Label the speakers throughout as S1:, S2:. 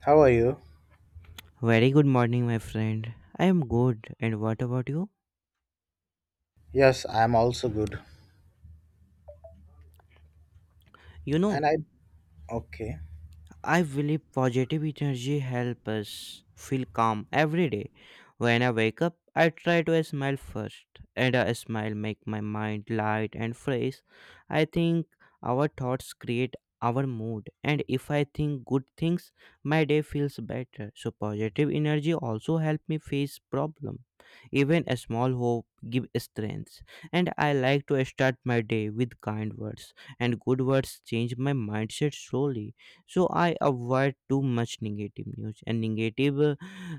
S1: How are you?
S2: Very good morning, my friend. I am good. And what about you?
S1: Yes, I'm also good.
S2: You know,
S1: And I okay.
S2: I believe positive energy helps us feel calm every day. When I wake up, I try to smile first, and a smile make my mind light and fresh. I think our thoughts create our mood, and if I think good things, my day feels better. So positive energy also help me face problem. Even a small hope give strength, and I like to start my day with kind words, and good words change my mindset slowly. So I avoid too much negative news and negative uh,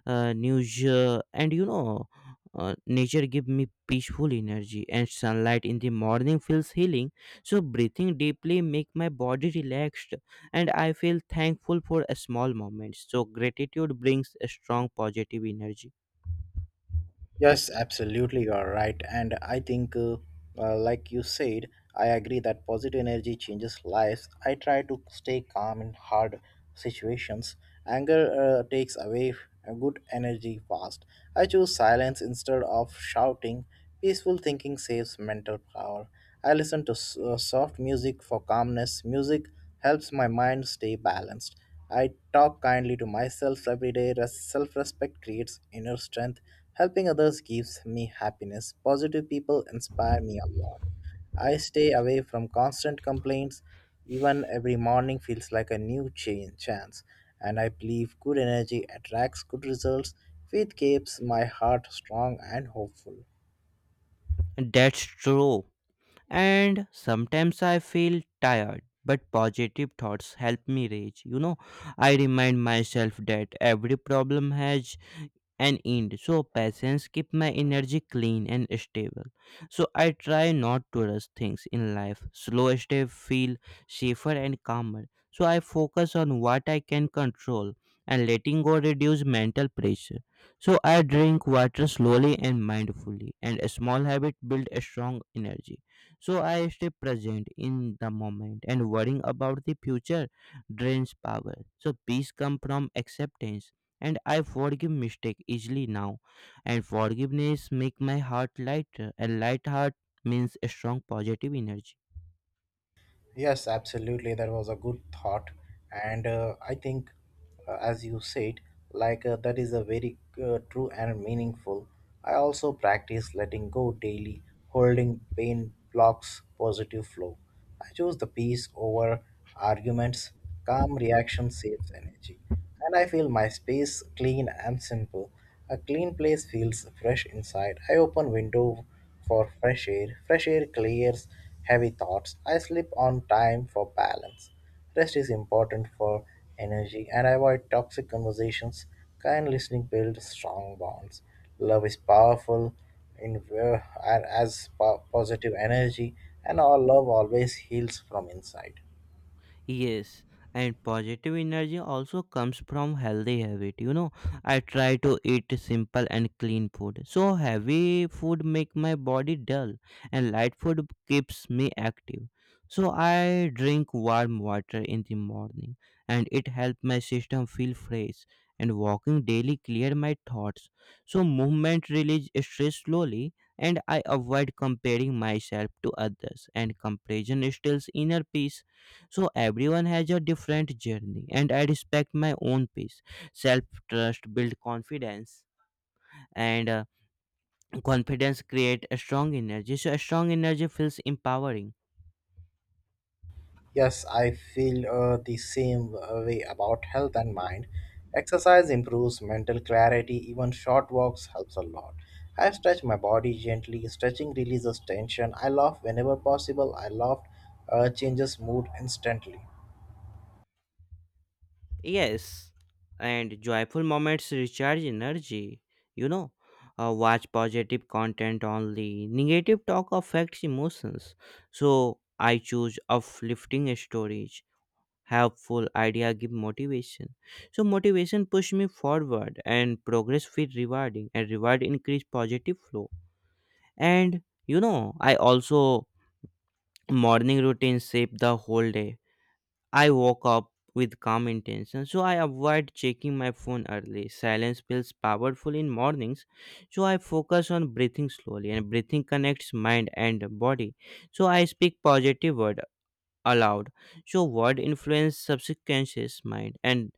S2: uh, news. And nature give me peaceful energy, and sunlight in the morning feels healing. So breathing deeply make my body relaxed, and I feel thankful for a small moments. So gratitude brings a strong positive energy.
S1: Yes, absolutely, you are right. And I think, like you said, I agree that positive energy changes lives. I try to stay calm in hard situations. Anger takes away a good energy fast. I choose silence instead of shouting. Peaceful thinking saves mental power. I listen to soft music for calmness. Music helps my mind stay balanced. I talk kindly to myself every day. Self respect creates inner strength. Helping others gives me happiness. Positive people inspire me a lot. I stay away from constant complaints. Even every morning feels like a new chance. And I believe good energy attracts good results. Faith keeps my heart strong and hopeful.
S2: That's true. And sometimes I feel tired, but positive thoughts help me rage. I remind myself that every problem has and end. So patience keep my energy clean and stable. So I try not to rush things in life. Slow step feel safer and calmer. So I focus on what I can control, and letting go reduce mental pressure. So I drink water slowly and mindfully, and a small habit build a strong energy. So I stay present in the moment, and worrying about the future drains power. So peace come from acceptance, and I forgive mistake easily now. And forgiveness make my heart lighter, and light heart means a strong positive energy.
S1: Yes, absolutely. That was a good thought. And I think, as you said, that is a very true and meaningful. I also practice letting go daily, holding pain blocks positive flow. I choose the peace over arguments. Calm reaction saves energy. And I feel my space clean and simple. A clean place feels fresh inside. I open window for fresh air. Fresh air clears heavy thoughts. I sleep on time for balance. Rest is important for energy, and I avoid toxic conversations. Kind listening builds strong bonds. Love is powerful in and as positive energy, and our love always heals from inside.
S2: Yes, and positive energy also comes from healthy habit. I try to eat simple and clean food. So heavy food make my body dull, and light food keeps me active. So I drink warm water in the morning, and it helps my system feel fresh, and walking daily clear my thoughts. So movement release stress slowly, and I avoid comparing myself to others, and comparison steals inner peace. So everyone has a different journey, and I respect my own pace. Self trust build confidence, and confidence create a strong energy. So a strong energy feels empowering.
S1: Yes, I feel the same way about health and mind. Exercise improves mental clarity, even short walks helps a lot. I stretch my body gently, stretching releases tension. I laugh whenever possible. I laugh changes mood instantly.
S2: Yes, and joyful moments recharge energy. You know, Watch positive content only. Negative talk affects emotions. So I choose uplifting stories. Helpful idea give motivation. So motivation push me forward, and progress feel rewarding, and reward increase positive flow. And you know i also morning routine shape the whole day. I woke up with calm intention. So I avoid checking my phone early. Silence feels powerful in mornings. So I focus on breathing slowly, and breathing connects mind and body. So I speak positive word aloud. So word influence subconscious mind, and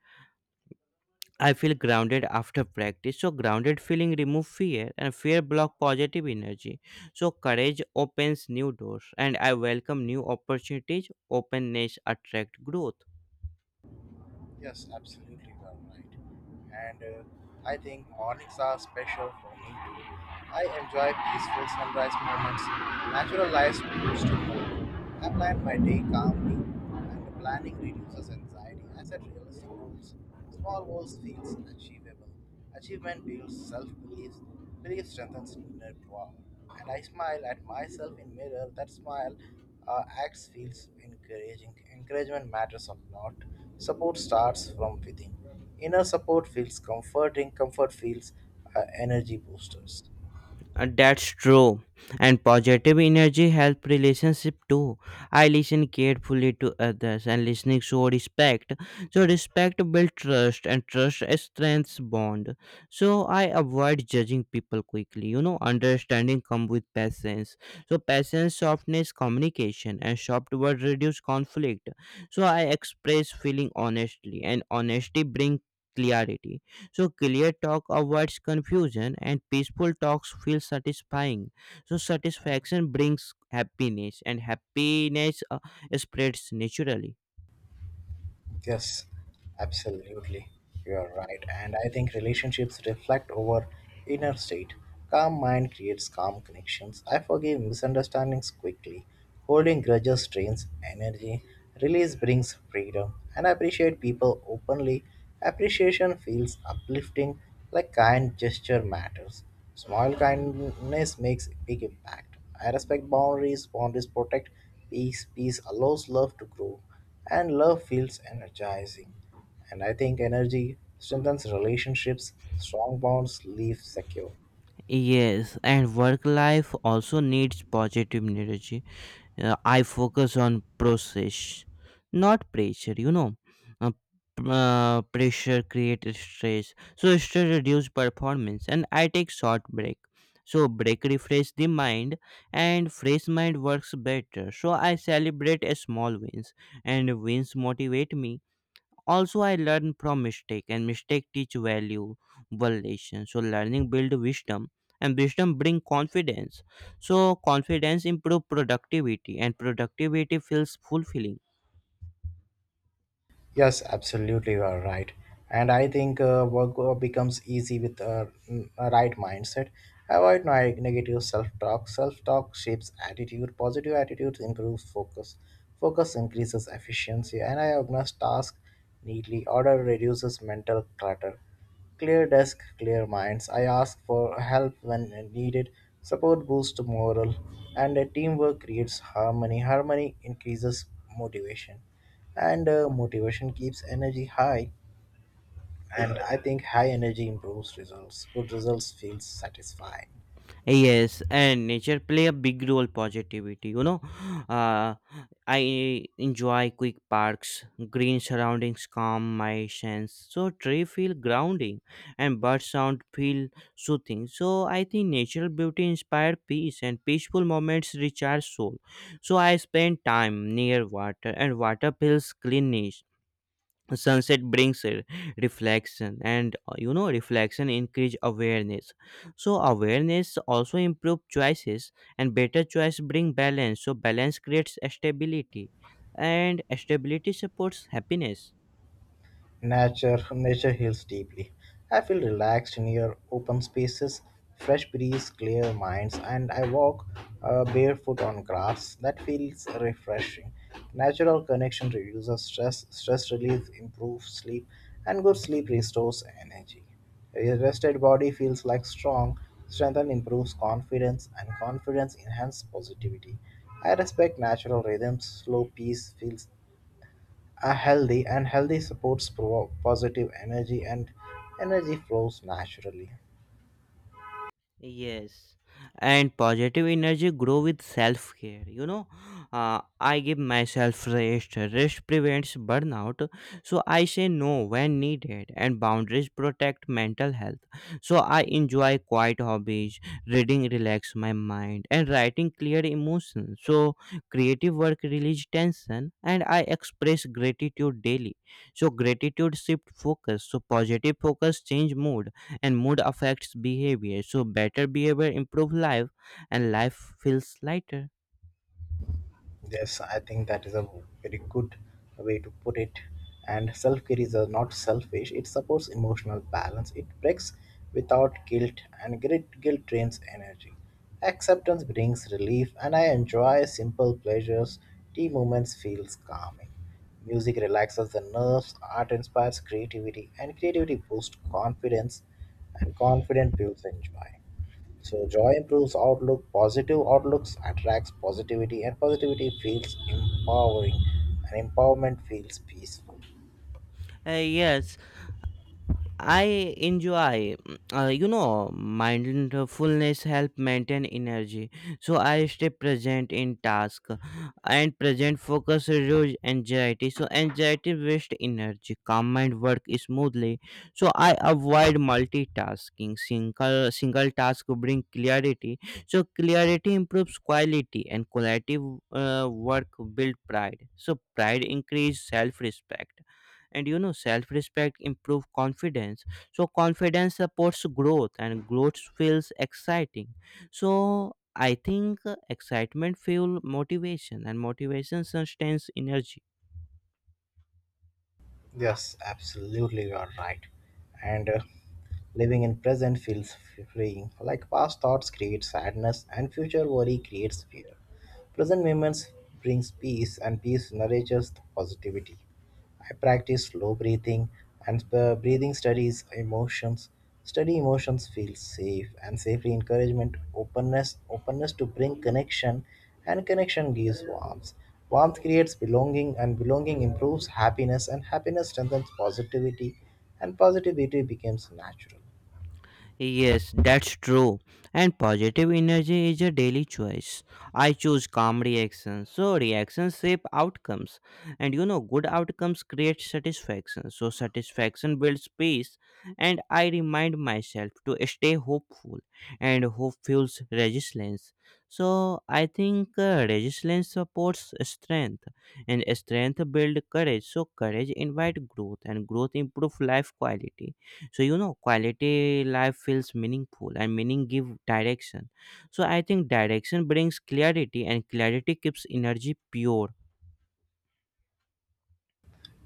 S2: I feel grounded after practice. So grounded feeling remove fear, and fear block positive energy. So courage opens new doors, and I welcome new opportunities. Openness attract growth.
S1: Yes, absolutely, you are right. And I think mornings are special for me too. I enjoy peaceful sunrise moments, natural lights boost to mood. I plan my day calmly, and planning reduces anxiety. I set realistic goals. Small goals feels achievable. Achievement builds self-belief. Belief strengthens inner power. And I smile at myself in mirror. That smile acts feels encouraging. Encouragement matters a lot. Support starts from within. Inner support feels comforting. Comfort feels energy boosters.
S2: That's true. And positive energy help relationship too. I listen carefully to others, and listening show respect. So respect build trust, and trust strengthens bond. So I avoid judging people quickly. Understanding come with patience. So patience softness communication, and soft word reduce conflict. So I express feeling honestly, and honesty bring clarity. So clear talk avoids confusion, and peaceful talks feel satisfying. So satisfaction brings happiness, and happiness spreads naturally.
S1: Yes, absolutely. You are right. And I think relationships reflect our inner state. Calm mind creates calm connections. I forgive misunderstandings quickly. Holding grudges drains energy. Release brings freedom. And I appreciate people openly. Appreciation feels uplifting, like kind gesture matters. Small kindness makes big impact. I respect boundaries. Boundaries protect peace. Peace allows love to grow, and love feels energizing. And I think energy strengthens relationships, strong bonds leave secure.
S2: Yes, and work life also needs positive energy. I focus on process, not pressure. Pressure creates stress. So stress reduce performance, and I take short break. So break refresh the mind, and fresh mind works better. So I celebrate a small wins, and wins motivate me. Also I learn from mistake, and mistake teach valuable lesson. So learning build wisdom, and wisdom bring confidence. So confidence improve productivity, and productivity feels fulfilling.
S1: Yes, absolutely, you are right. And I think becomes easy with a right mindset. Avoid negative self-talk. Self-talk shapes attitude. Positive attitudes improves focus. Focus increases efficiency, and I organize tasks neatly. Order reduces mental clutter. Clear desk, clear minds. I ask for help when needed. Support boosts morale, and teamwork creates harmony. Harmony increases motivation, and motivation keeps energy high. And I think high energy improves results. Good results feels satisfying.
S2: Yes, and nature play a big role positivity. Uh, I enjoy quick parks. Green surroundings calm my sense. So tree feel grounding, and bird sound feel soothing. So I think natural beauty inspire peace, and peaceful moments recharge soul. So I spend time near water, and water feels cleanish. Sunset brings a reflection, and reflection increase awareness. So awareness also improve choices, and better choice bring balance. So balance creates stability, and stability supports happiness.
S1: Nature heals deeply. I feel relaxed near open spaces, fresh breeze, clear minds. And I walk barefoot on grass. That feels refreshing. Natural connection reduces stress, stress relief improves sleep, and good sleep restores energy. A rested body feels like strong. Strength and improves confidence, and confidence enhances positivity. I respect natural rhythms. Slow peace feels a healthy, and healthy supports positive energy, and energy flows naturally.
S2: Yes, and positive energy grow with self care. I give myself rest. Rest prevents burnout, so I say no when needed, and boundaries protect mental health. So I enjoy quiet hobbies. Reading relax my mind, and writing clear emotions. So creative work release tension, and I express gratitude daily. So gratitude shift focus. So positive focus change mood, and mood affects behavior. So better behavior improve life, and life feels lighter.
S1: Yes, I think that is a very good way to put it. And self care is not selfish, it supports emotional balance, it breaks without guilt, and great guilt drains energy. Acceptance brings relief, and I enjoy simple pleasures. Tea moments feels calming. Music relaxes the nerves, art inspires creativity, and creativity boosts confidence, and confidence builds and joy. So joy improves outlook, positive outlooks attracts positivity, and positivity feels empowering, and empowerment feels peaceful.
S2: Yes, I enjoy mindfulness help maintain energy. So I stay present in task, and present focus reduce anxiety. So anxiety waste energy. Calm mind work smoothly. So I avoid multitasking. Single task bring clarity. So clarity improves quality, and quality work build pride. So pride increase self respect. And self-respect improve confidence. So confidence supports growth, and growth feels exciting. So I think excitement fuel motivation, and motivation sustains energy.
S1: Yes, absolutely, you are right. And living in present feels freeing. Like past thoughts create sadness, and future worry creates fear. Present moments brings peace, and peace nourishes the positivity. I practice slow breathing, and breathing studies emotions. Study emotions feel safe, and safely encouragement openness, openness to bring connection, and connection gives warmth. Warmth creates belonging, and belonging improves happiness, and happiness strengthens positivity, and positivity becomes natural.
S2: Yes, that's true. And positive energy is a daily choice. I choose calm reactions. So reactions shape outcomes. And good outcomes create satisfaction. So satisfaction builds peace. And I remind myself to stay hopeful. And hope fuels resilience. So I think resilience supports strength. And strength builds courage. So courage invites growth. And growth improves life quality. So quality life feels meaningful, and meaning give direction. So I think direction brings clarity, and clarity keeps energy pure.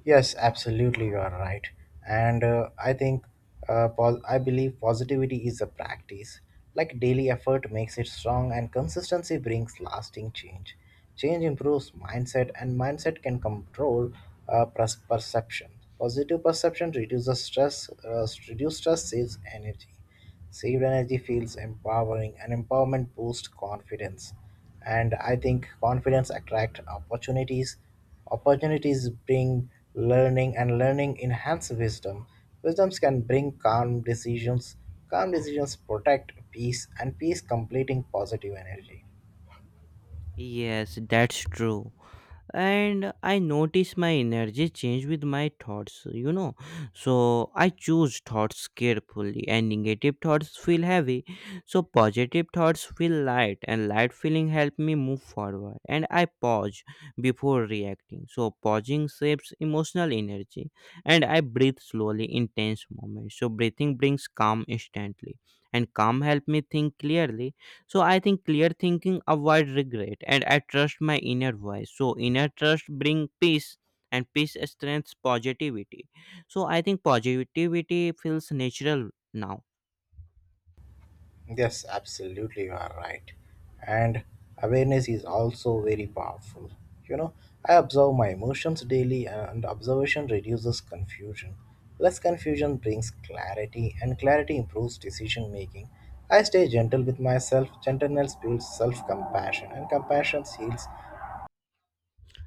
S1: Yes, absolutely, you are right. And I think, I believe positivity is a practice. Like daily effort makes it strong, and consistency brings lasting change. Change improves mindset, and mindset can control perception. Positive perception reduces stress, reduce stress saves energy. Saved energy feels empowering, and empowerment boosts confidence. And I think confidence attracts opportunities. Opportunities bring learning, and learning enhance wisdom. Wisdoms can bring calm decisions. Calm decisions protect peace, and peace completing positive energy.
S2: Yes, that's true. And I notice my energy change with my thoughts. So I choose thoughts carefully, and negative thoughts feel heavy. So positive thoughts feel light, and light feeling help me move forward, and I pause before reacting. So pausing shapes emotional energy, and I breathe slowly in tense moments. So breathing brings calm instantly, and calm help me think clearly. So I think clear thinking avoid regret, and I trust my inner voice. So inner trust bring peace, and peace strengths positivity. So I think positivity feels natural now.
S1: Yes, absolutely, you are right. And awareness is also very powerful. You know, I observe my emotions daily, and observation reduces confusion. Less confusion brings clarity, and clarity improves decision making. I stay gentle with myself. Gentleness builds self compassion, and compassion heals.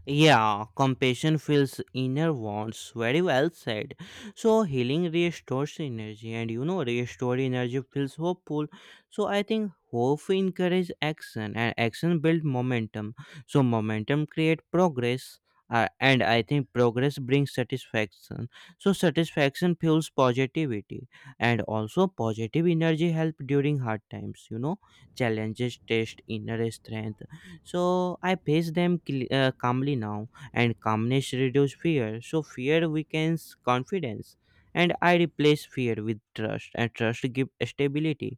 S2: Yeah, compassion fills inner wounds. Very well said. So healing restores energy, and restored energy feels hopeful. So I think hope encourages action, and action builds momentum. So momentum creates progress. And I think progress brings satisfaction. So satisfaction fuels positivity, and also positive energy help during hard times. Challenges test inner strength. So I face them calmly now, and calmness reduces fear. So fear weakens confidence, and I replace fear with trust, and trust gives stability.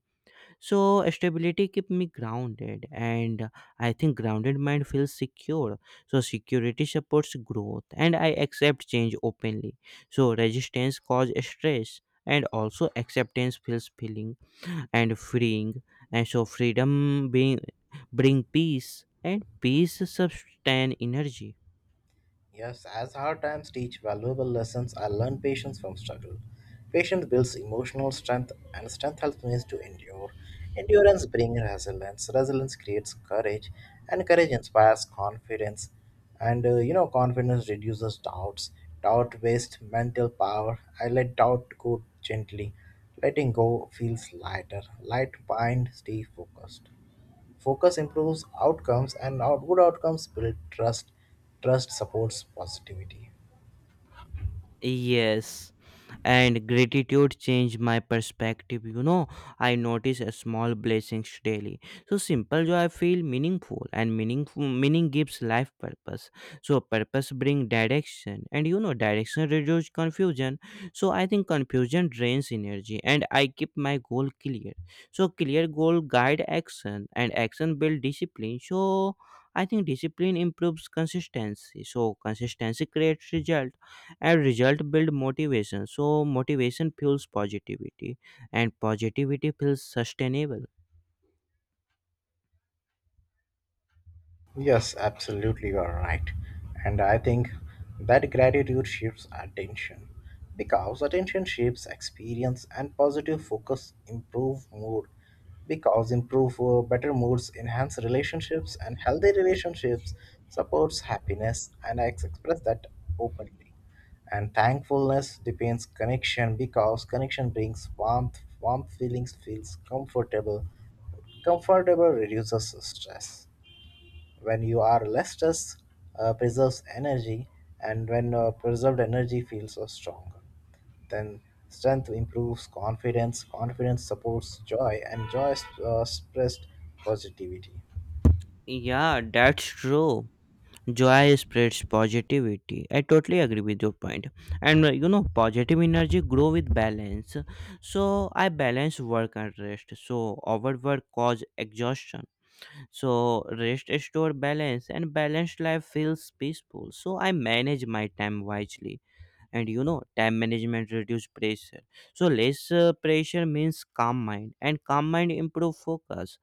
S2: So stability keep me grounded, and I think grounded mind feels secure. So security supports growth, and I accept change openly. So resistance causes stress, and also acceptance feels feeling and freeing. And so freedom being bring peace, and peace sustain energy.
S1: Yes, as hard times teach valuable lessons, I learned patience from struggle. Patience builds emotional strength, and strength helps me to endure. Endurance brings resilience. Resilience creates courage, and courage inspires confidence. And you know, confidence reduces doubts. Doubt wastes mental power. I let doubt go gently. Letting go feels lighter. Light mind, stay focused. Focus improves outcomes, and good outcomes build trust. Trust supports positivity.
S2: Yes, and gratitude changed my perspective. I notice a small blessings daily. So simple joy I feel meaningful, and meaning gives life purpose. So purpose bring direction. And direction reduce confusion. So I think confusion drains energy, and I keep my goal clear. So clear goal guide action, and action build discipline. So I think discipline improves consistency. So consistency creates result, and result build motivation. So motivation fuels positivity, and positivity feels sustainable.
S1: Yes, absolutely, you are right. And I think that gratitude shapes attention, because attention shapes experience, and positive focus improve mood, because improve better moods enhance relationships, and healthy relationships supports happiness. And I express that openly, and thankfulness depends connection, because connection brings warmth. Warm feelings feels comfortable, comfortable reduces stress. When you are less stressed, preserves energy, and when preserved energy feels strong, then strength improves confidence. Confidence supports joy, and joy spreads positivity.
S2: Yeah, that's true. Joy spreads positivity. I totally agree with your point. And positive energy grow with balance. So I balance work and rest. So overwork cause exhaustion. So rest restore balance, and balanced life feels peaceful. So I manage my time wisely. And time management reduce pressure. So less pressure means calm mind, and calm mind improve focus.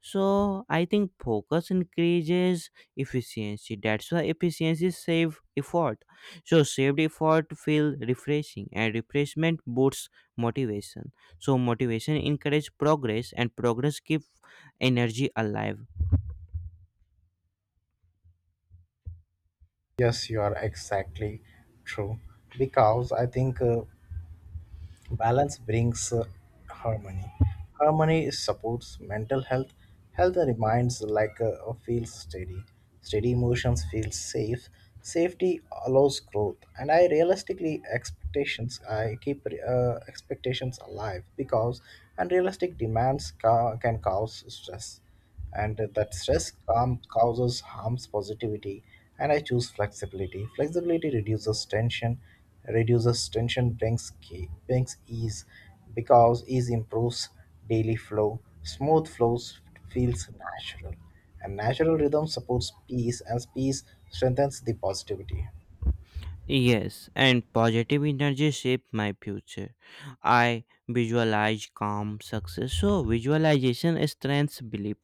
S2: So I think focus increases efficiency. That's why efficiency save effort. So saved effort feel refreshing, and refreshment boosts motivation. So motivation encourage progress, and progress keep energy alive.
S1: Yes, you are exactly true. Because I think balance brings harmony. Harmony supports mental health. Health reminds like a feels steady. Steady emotions feel safe. Safety allows growth, and I realistically expectations. I keep expectations alive, because unrealistic demands can cause stress, and that stress calm causes harms positivity. And I choose flexibility. Flexibility reduces tension, reduces tension brings ease, because ease improves daily flow. Smooth flows feels natural, and natural rhythm supports peace, and peace strengthens the positivity.
S2: Yes, and positive energy shaped my future. I visualize calm success. So visualization strengthens belief,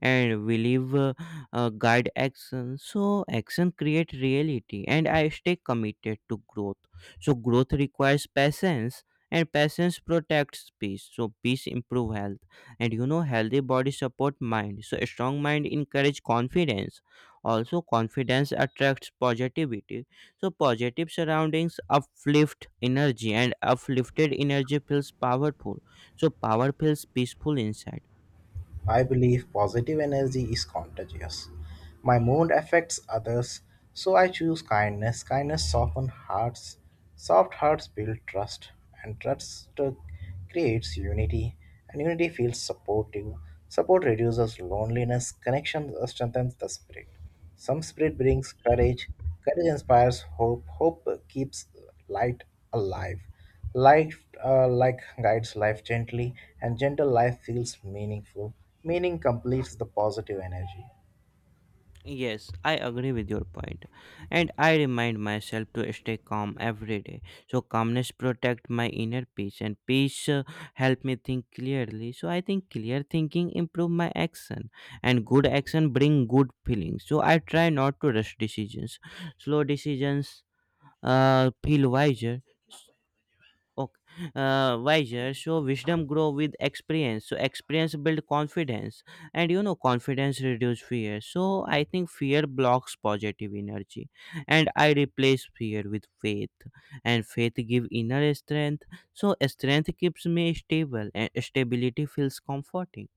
S2: and belief guide action. So action create reality, and I stay committed to growth. So growth requires patience, and patience protects peace. So peace improve health, and healthy body support mind. So a strong mind encourage confidence. Also, confidence attracts positivity. So positive surroundings uplift energy, and uplifted energy feels powerful. So power feels peaceful inside.
S1: I believe positive energy is contagious. My mood affects others, so I choose kindness. Kindness softens hearts. Soft hearts build trust, and trust creates unity, and unity feels supportive. Support reduces loneliness. Connection strengthens the spirit. Some spirit brings courage. Courage inspires hope. Hope keeps light alive. Life guides life gently, and gentle life feels meaningful. Meaning completes the positive energy.
S2: Yes, I agree with your point. And I remind myself to stay calm every day. So calmness protect my inner peace, and peace help me think clearly. So I think clear thinking improve my action, and good action bring good feelings. So I try not to rush decisions. Slow decisions feel wiser. Okay. Wiser, so wisdom grow with experience, so experience build confidence, and confidence reduce fear. So I think fear blocks positive energy, and I replace fear with faith, and faith give inner strength. So strength keeps me stable, and stability feels comforting.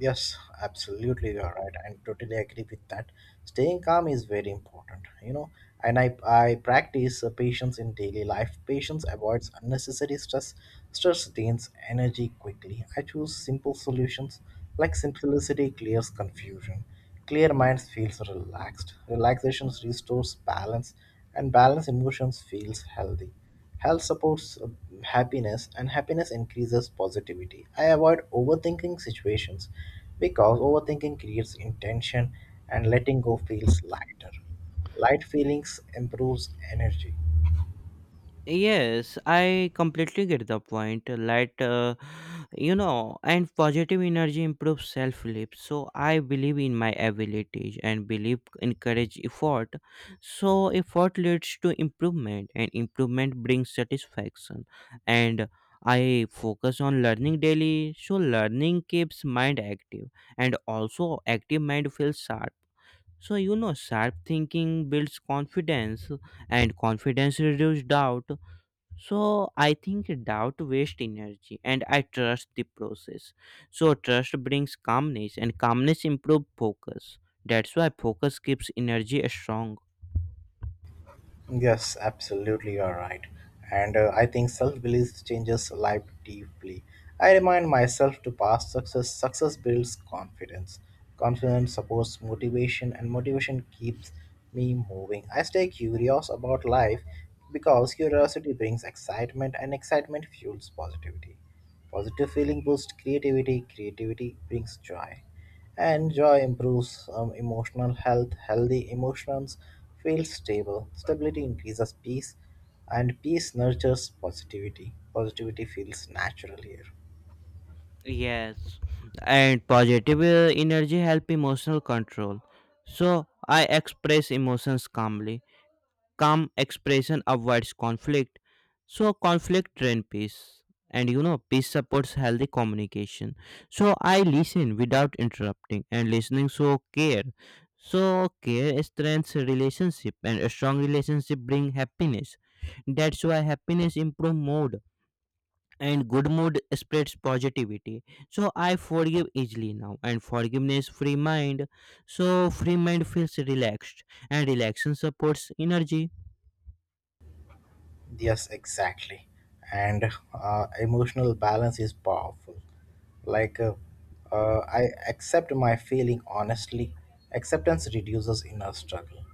S1: Yes, absolutely, you're right. I totally agree with that. Staying calm is very important, you know. And I practice patience in daily life. Patience avoids unnecessary stress. Stress drains energy quickly. I choose simple solutions, like simplicity clears confusion. Clear minds feels relaxed. Relaxation restores balance, and balanced emotions feels healthy. Health supports happiness, and happiness increases positivity. I avoid overthinking situations, because overthinking creates intention, and letting go feels lighter. Light feelings improves energy.
S2: Yes, I completely get the point. Like, and positive energy improves self belief. So I believe in my abilities, and belief encourage effort. So effort leads to improvement, and improvement brings satisfaction. And I focus on learning daily. So learning keeps mind active, and also, active mind feels sharp. So, sharp thinking builds confidence, and confidence reduces doubt. So I think doubt wastes energy, and I trust the process. So trust brings calmness, and calmness improves focus. That's why focus keeps energy strong.
S1: Yes, absolutely, you're right. And I think self-belief changes life deeply. I remind myself to past success. Success builds confidence. Confidence supports motivation, and motivation keeps me moving. I stay curious about life, because curiosity brings excitement, and excitement fuels positivity. Positive feeling boosts creativity, creativity brings joy, and joy improves emotional health. Healthy emotions feel stable, stability increases peace, and peace nurtures positivity. Positivity feels natural here.
S2: Yes. And positive energy help emotional control. So I express emotions calmly. Calm expression avoids conflict, so conflict drain peace, and peace supports healthy communication. So I listen without interrupting, and listening so care. So care strengthens relationship, and a strong relationship bring happiness. That's why happiness improve mood, and good mood spreads positivity. So I forgive easily now, and forgiveness free mind. So free mind feels relaxed, and relaxation supports energy.
S1: Yes, exactly. And emotional balance is powerful. Like, uh, I accept my feeling honestly. Acceptance reduces inner struggle.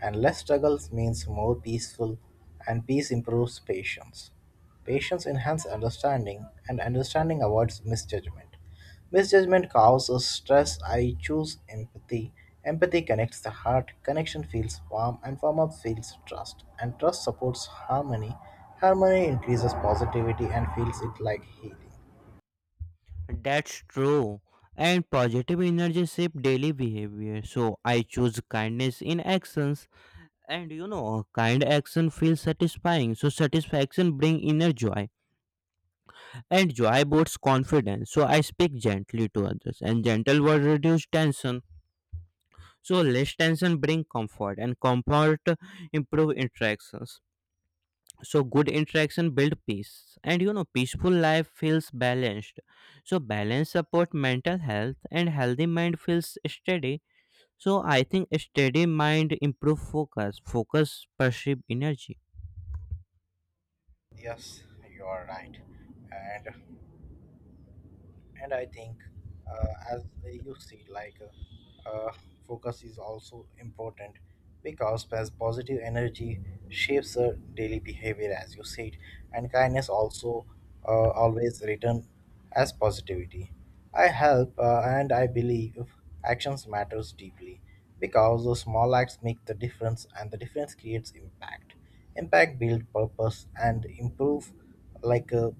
S1: And less struggles means more peaceful, and peace improves patience. Patience enhances understanding, and understanding avoids misjudgment. Misjudgment causes stress. I choose empathy. Empathy connects the heart. Connection feels warm, and warm up feels trust. And trust supports harmony. Harmony increases positivity and feels it like healing.
S2: That's true. And positive energy shape daily behavior. So I choose kindness in actions. And kind action feels satisfying. So satisfaction bring inner joy. And joy boosts confidence. So I speak gently to others. And gentle words reduce tension. So less tension bring comfort. And comfort improve interactions. So good interaction build peace, and peaceful life feels balanced. So balance support mental health, and healthy mind feels steady. So I think steady mind improve focus. Focus perceive energy.
S1: Yes, you are right. And and I think as you see, focus is also important, because as positive energy shapes our daily behavior, as you said. And kindness also always return as positivity. I help and I believe actions matters deeply, because the small acts make the difference, and the difference creates impact. Impact build purpose, like uh,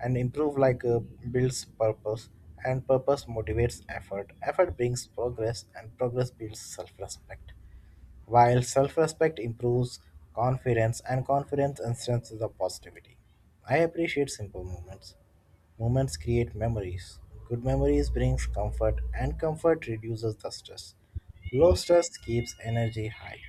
S1: and improve like builds purpose. And purpose motivates effort, effort brings progress, and progress builds self-respect, while self-respect improves confidence, and confidence strengthens the positivity. I appreciate simple moments. Moments create memories. Good memories brings comfort, and comfort reduces the stress. Low stress keeps energy high.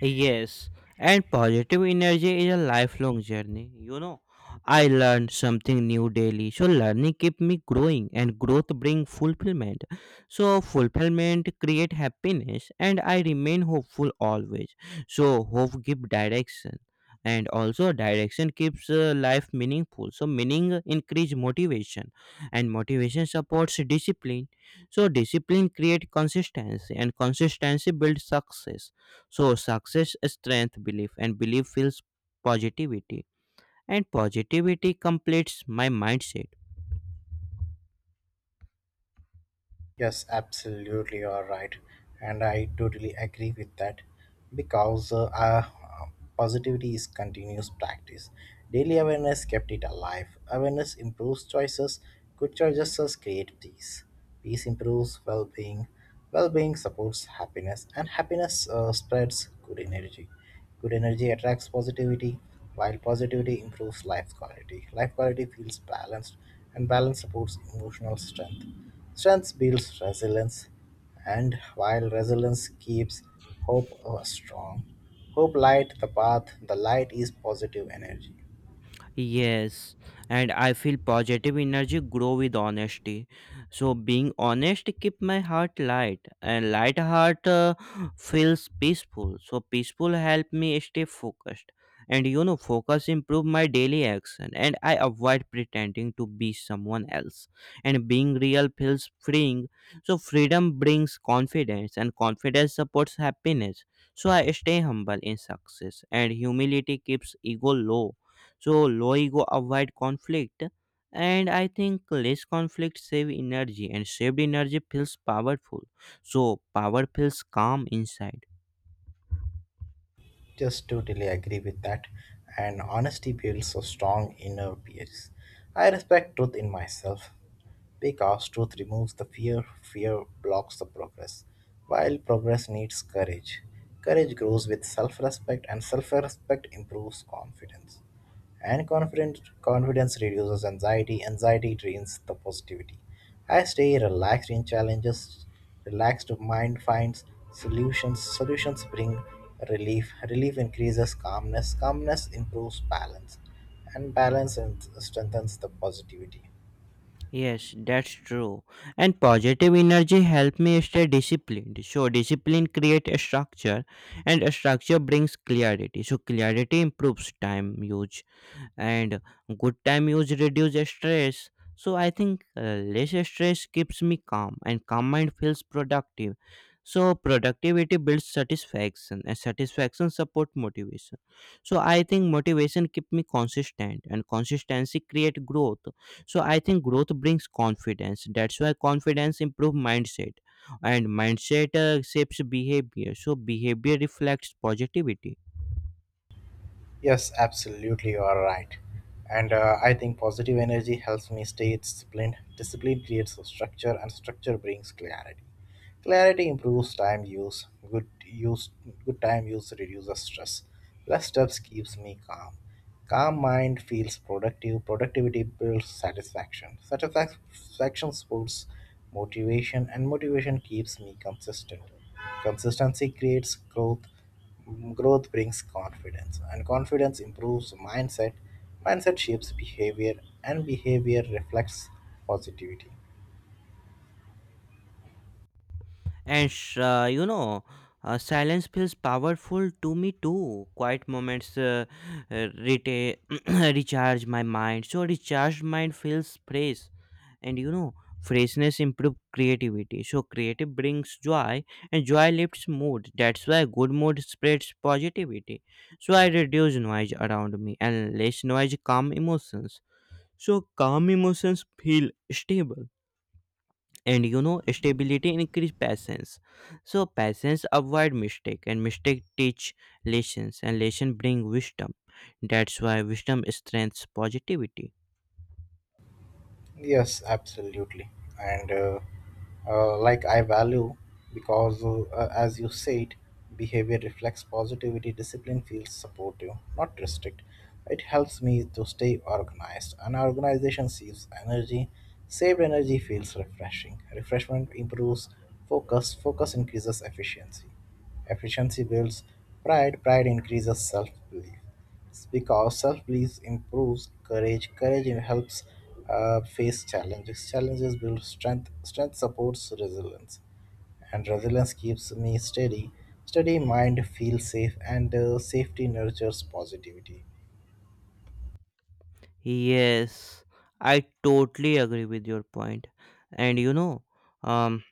S2: Yes, and positive energy is a lifelong journey. I learn something new daily. So learning keep me growing, and growth bring fulfillment. So fulfillment create happiness, and I remain hopeful always. So hope give direction, and also direction keeps life meaningful. So meaning increase motivation, and motivation supports discipline. So discipline create consistency, and consistency builds success. So success strength belief, and belief feels positivity, and positivity completes my mindset.
S1: Yes, absolutely, you are right, and I totally agree with that, because positivity is continuous practice. Daily awareness kept it alive. Awareness improves choices. Good choices create peace. Peace improves well-being. Well-being supports happiness, and happiness spreads good energy. Good energy attracts positivity, while positivity improves life quality. Life quality feels balanced, and balance supports emotional strength. Strength builds resilience, and while resilience keeps hope strong. Hope light the path, the light is positive energy.
S2: Yes, and I feel positive energy grow with honesty. So being honest keep my heart light, and light heart feels peaceful. So peaceful help me stay focused, and focus improve my daily action, and I avoid pretending to be someone else. And being real feels freeing. So freedom brings confidence, and confidence supports happiness. So I stay humble in success, and humility keeps ego low. So loigo avoid conflict, and I think less conflict save energy, and saved energy feels powerful. So power feels calm inside.
S1: Just totally agree with that. And honesty builds a strong inner peace. I respect truth in myself because truth removes the fear, fear blocks the progress, while progress needs courage. Courage grows with self respect, and self respect improves confidence. And confidence reduces anxiety, anxiety drains the positivity. I stay relaxed in challenges, relaxed mind finds solutions, solutions bring relief, relief increases calmness, calmness improves balance, and strengthens the positivity.
S2: Yes, that's true. And positive energy help me stay disciplined. So discipline create a structure, and a structure brings clarity. So clarity improves time use, and good time use reduce stress. So I think less stress keeps me calm, and calm mind feels productive. So productivity builds satisfaction, and satisfaction support motivation. So I think motivation keep me consistent, and consistency create growth. So I think growth brings confidence. That's why confidence improve mindset, and mindset shapes behavior. So behavior reflects positivity.
S1: Yes, absolutely, you are right. And I think positive energy helps me stay disciplined. Discipline creates a structure, and structure brings clarity. Clarity improves time use. Good time use reduces stress. Less steps keeps me calm. Calm mind feels productive. Productivity builds satisfaction. Satisfaction supports motivation, and motivation keeps me consistent. Consistency creates growth. Growth brings confidence, and confidence improves mindset. Mindset shapes behavior, and behavior reflects positivity.
S2: And silence feels powerful to me too. Quiet moments uh, reta- recharge my mind. So recharged mind feels fresh, and freshness improve creativity. So creative brings joy, and joy lifts mood. That's why good mood spreads positivity. So I reduce noise around me, and less noise calm emotions. So calm emotions feel stable, and stability increase patience. So patience avoid mistake, and mistake teach lessons, and lesson bring wisdom. That's why wisdom strengthens positivity.
S1: Yes, absolutely. And like I value because, as you said, behavior reflects positivity, discipline feels supportive, not restrict. It helps me to stay organized. An organization saves energy, saved energy feels refreshing. Refreshment improves focus, focus increases efficiency. Efficiency builds pride, pride increases self belief. Because self belief improves courage, courage helps face challenges, challenges build strength, strength supports resilience, and resilience keeps me steady. Steady mind feels safe, and safety nurtures positivity.
S2: Yes, I totally agree with your point. And um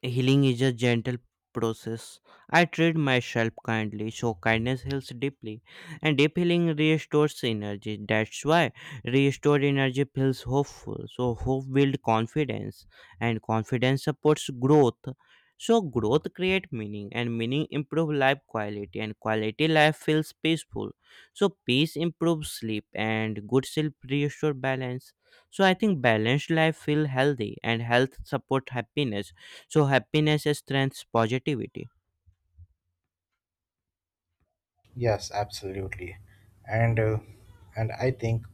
S2: healing is a gentle process. I treat myself kindly, so kindness heals deeply, and deep healing restores energy. That's why restored energy feels hopeful. So hope builds confidence, and confidence supports growth. So growth creates meaning, and meaning improves life quality, and quality life feels peaceful. So peace improves sleep, and good sleep restores balance. So I think balanced life feel healthy, and health supports happiness, so happiness strengthens positivity.
S1: Yes, absolutely, and and I think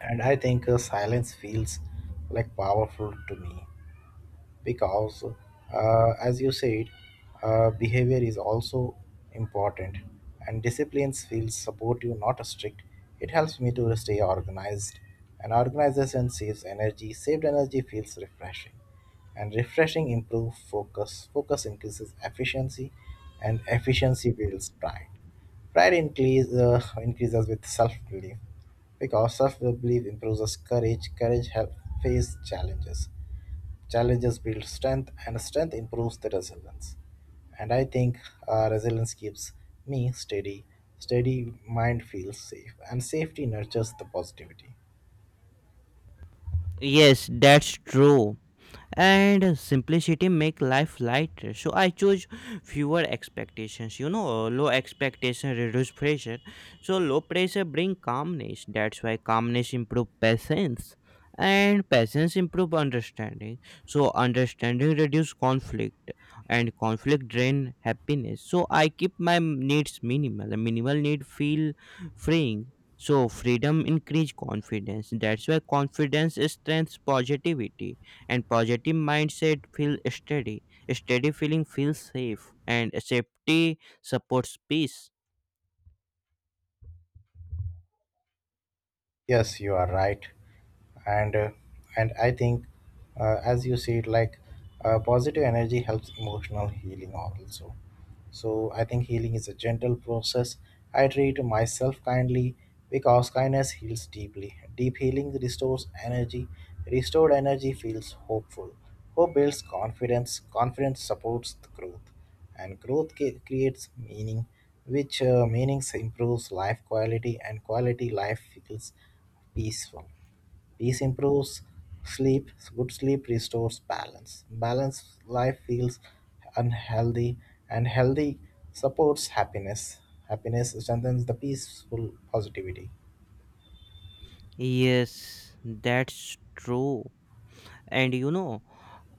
S1: and I think silence feels like powerful to me. Because, as you said, behavior is also important, and disciplines feels supportive, not strict. It helps me to stay organized, and organization saves energy. Saved energy feels refreshing, and refreshing improves focus. Focus increases efficiency, and efficiency builds pride. Pride increases with self belief because self belief improves courage. Courage helps face challenges, challenges build strength, and strength improves the resilience. And I think resilience keeps me steady. Steady mind feels safe, and safety nurtures the positivity.
S2: Yes, that's true. And simplicity make life lighter, so I choose fewer expectations. Low expectation reduce pressure, so low pressure bring calmness. That's why calmness improve patience, and patience improve understanding. So understanding reduce conflict, and conflict drain happiness. So I keep my needs minimal. Minimal need feel freeing, so freedom increase confidence. That's why confidence strengthens positivity, and positive mindset feel steady. Steady feeling feels safe, and safety supports peace.
S1: Yes, you are right, and and I think, as you said, like positive energy helps emotional healing also. So I think healing is a gentle process. I treat myself kindly because kindness heals deeply. Deep healing restores energy. Restored energy feels hopeful. Hope builds confidence, confidence supports the growth, and creates meaning, which meanings improves life quality, and quality life feels peaceful. Peace improves sleep. Good sleep restores balance. Balanced life feels unhealthy, and healthy supports happiness. Happiness strengthens the peaceful positivity.
S2: Yes, that's true. And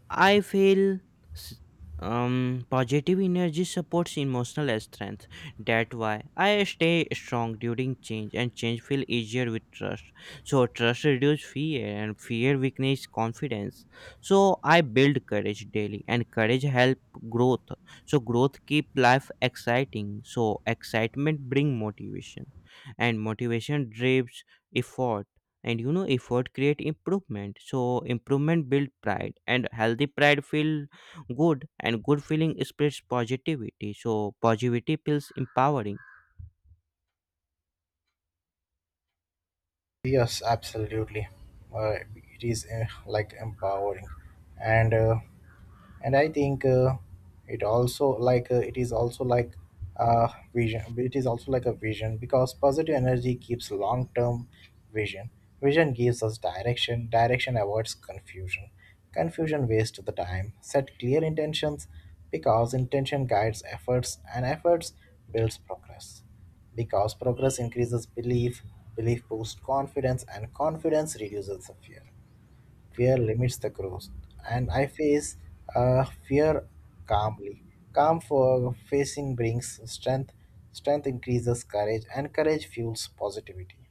S2: I feel s- positive energy supports emotional strength. That's why I stay strong during change, and change feel easier with trust. So trust reduce fear, and fear weakness confidence. So I build courage daily, and courage help growth. So growth keep life exciting. So excitement bring motivation, and motivation drives effort, and effort create improvement. So improvement build pride, and healthy pride feel good, and good feeling spreads positivity. So positivity feels empowering.
S1: Yes, absolutely. Uh, it is like empowering, and and I think it also like it is also like a vision. It is also like a vision because positive energy keeps long term vision. Vision gives us direction. Direction avoids confusion. Confusion wastes the time. Set clear intentions because intention guides efforts, and efforts builds progress. Because progress increases belief, belief boosts confidence, and confidence reduces the fear. Fear limits the growth, and I face fear calmly. Calm for facing brings strength, strength increases courage, and courage fuels positivity.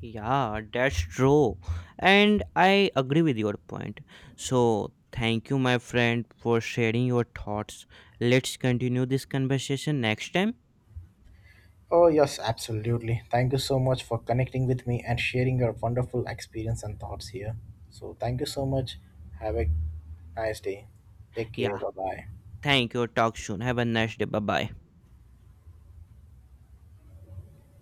S2: Yeah, that's true, and I agree with your point. So thank you, my friend, for sharing your thoughts. Let's continue this conversation next time.
S1: Oh, yes, absolutely. Thank you so much for connecting with me and sharing your wonderful experience and thoughts here. So, thank you so much. Have a nice day. Take care.
S2: Yeah,
S1: Bye bye.
S2: thank you. Talk soon. Have a nice day. Bye bye.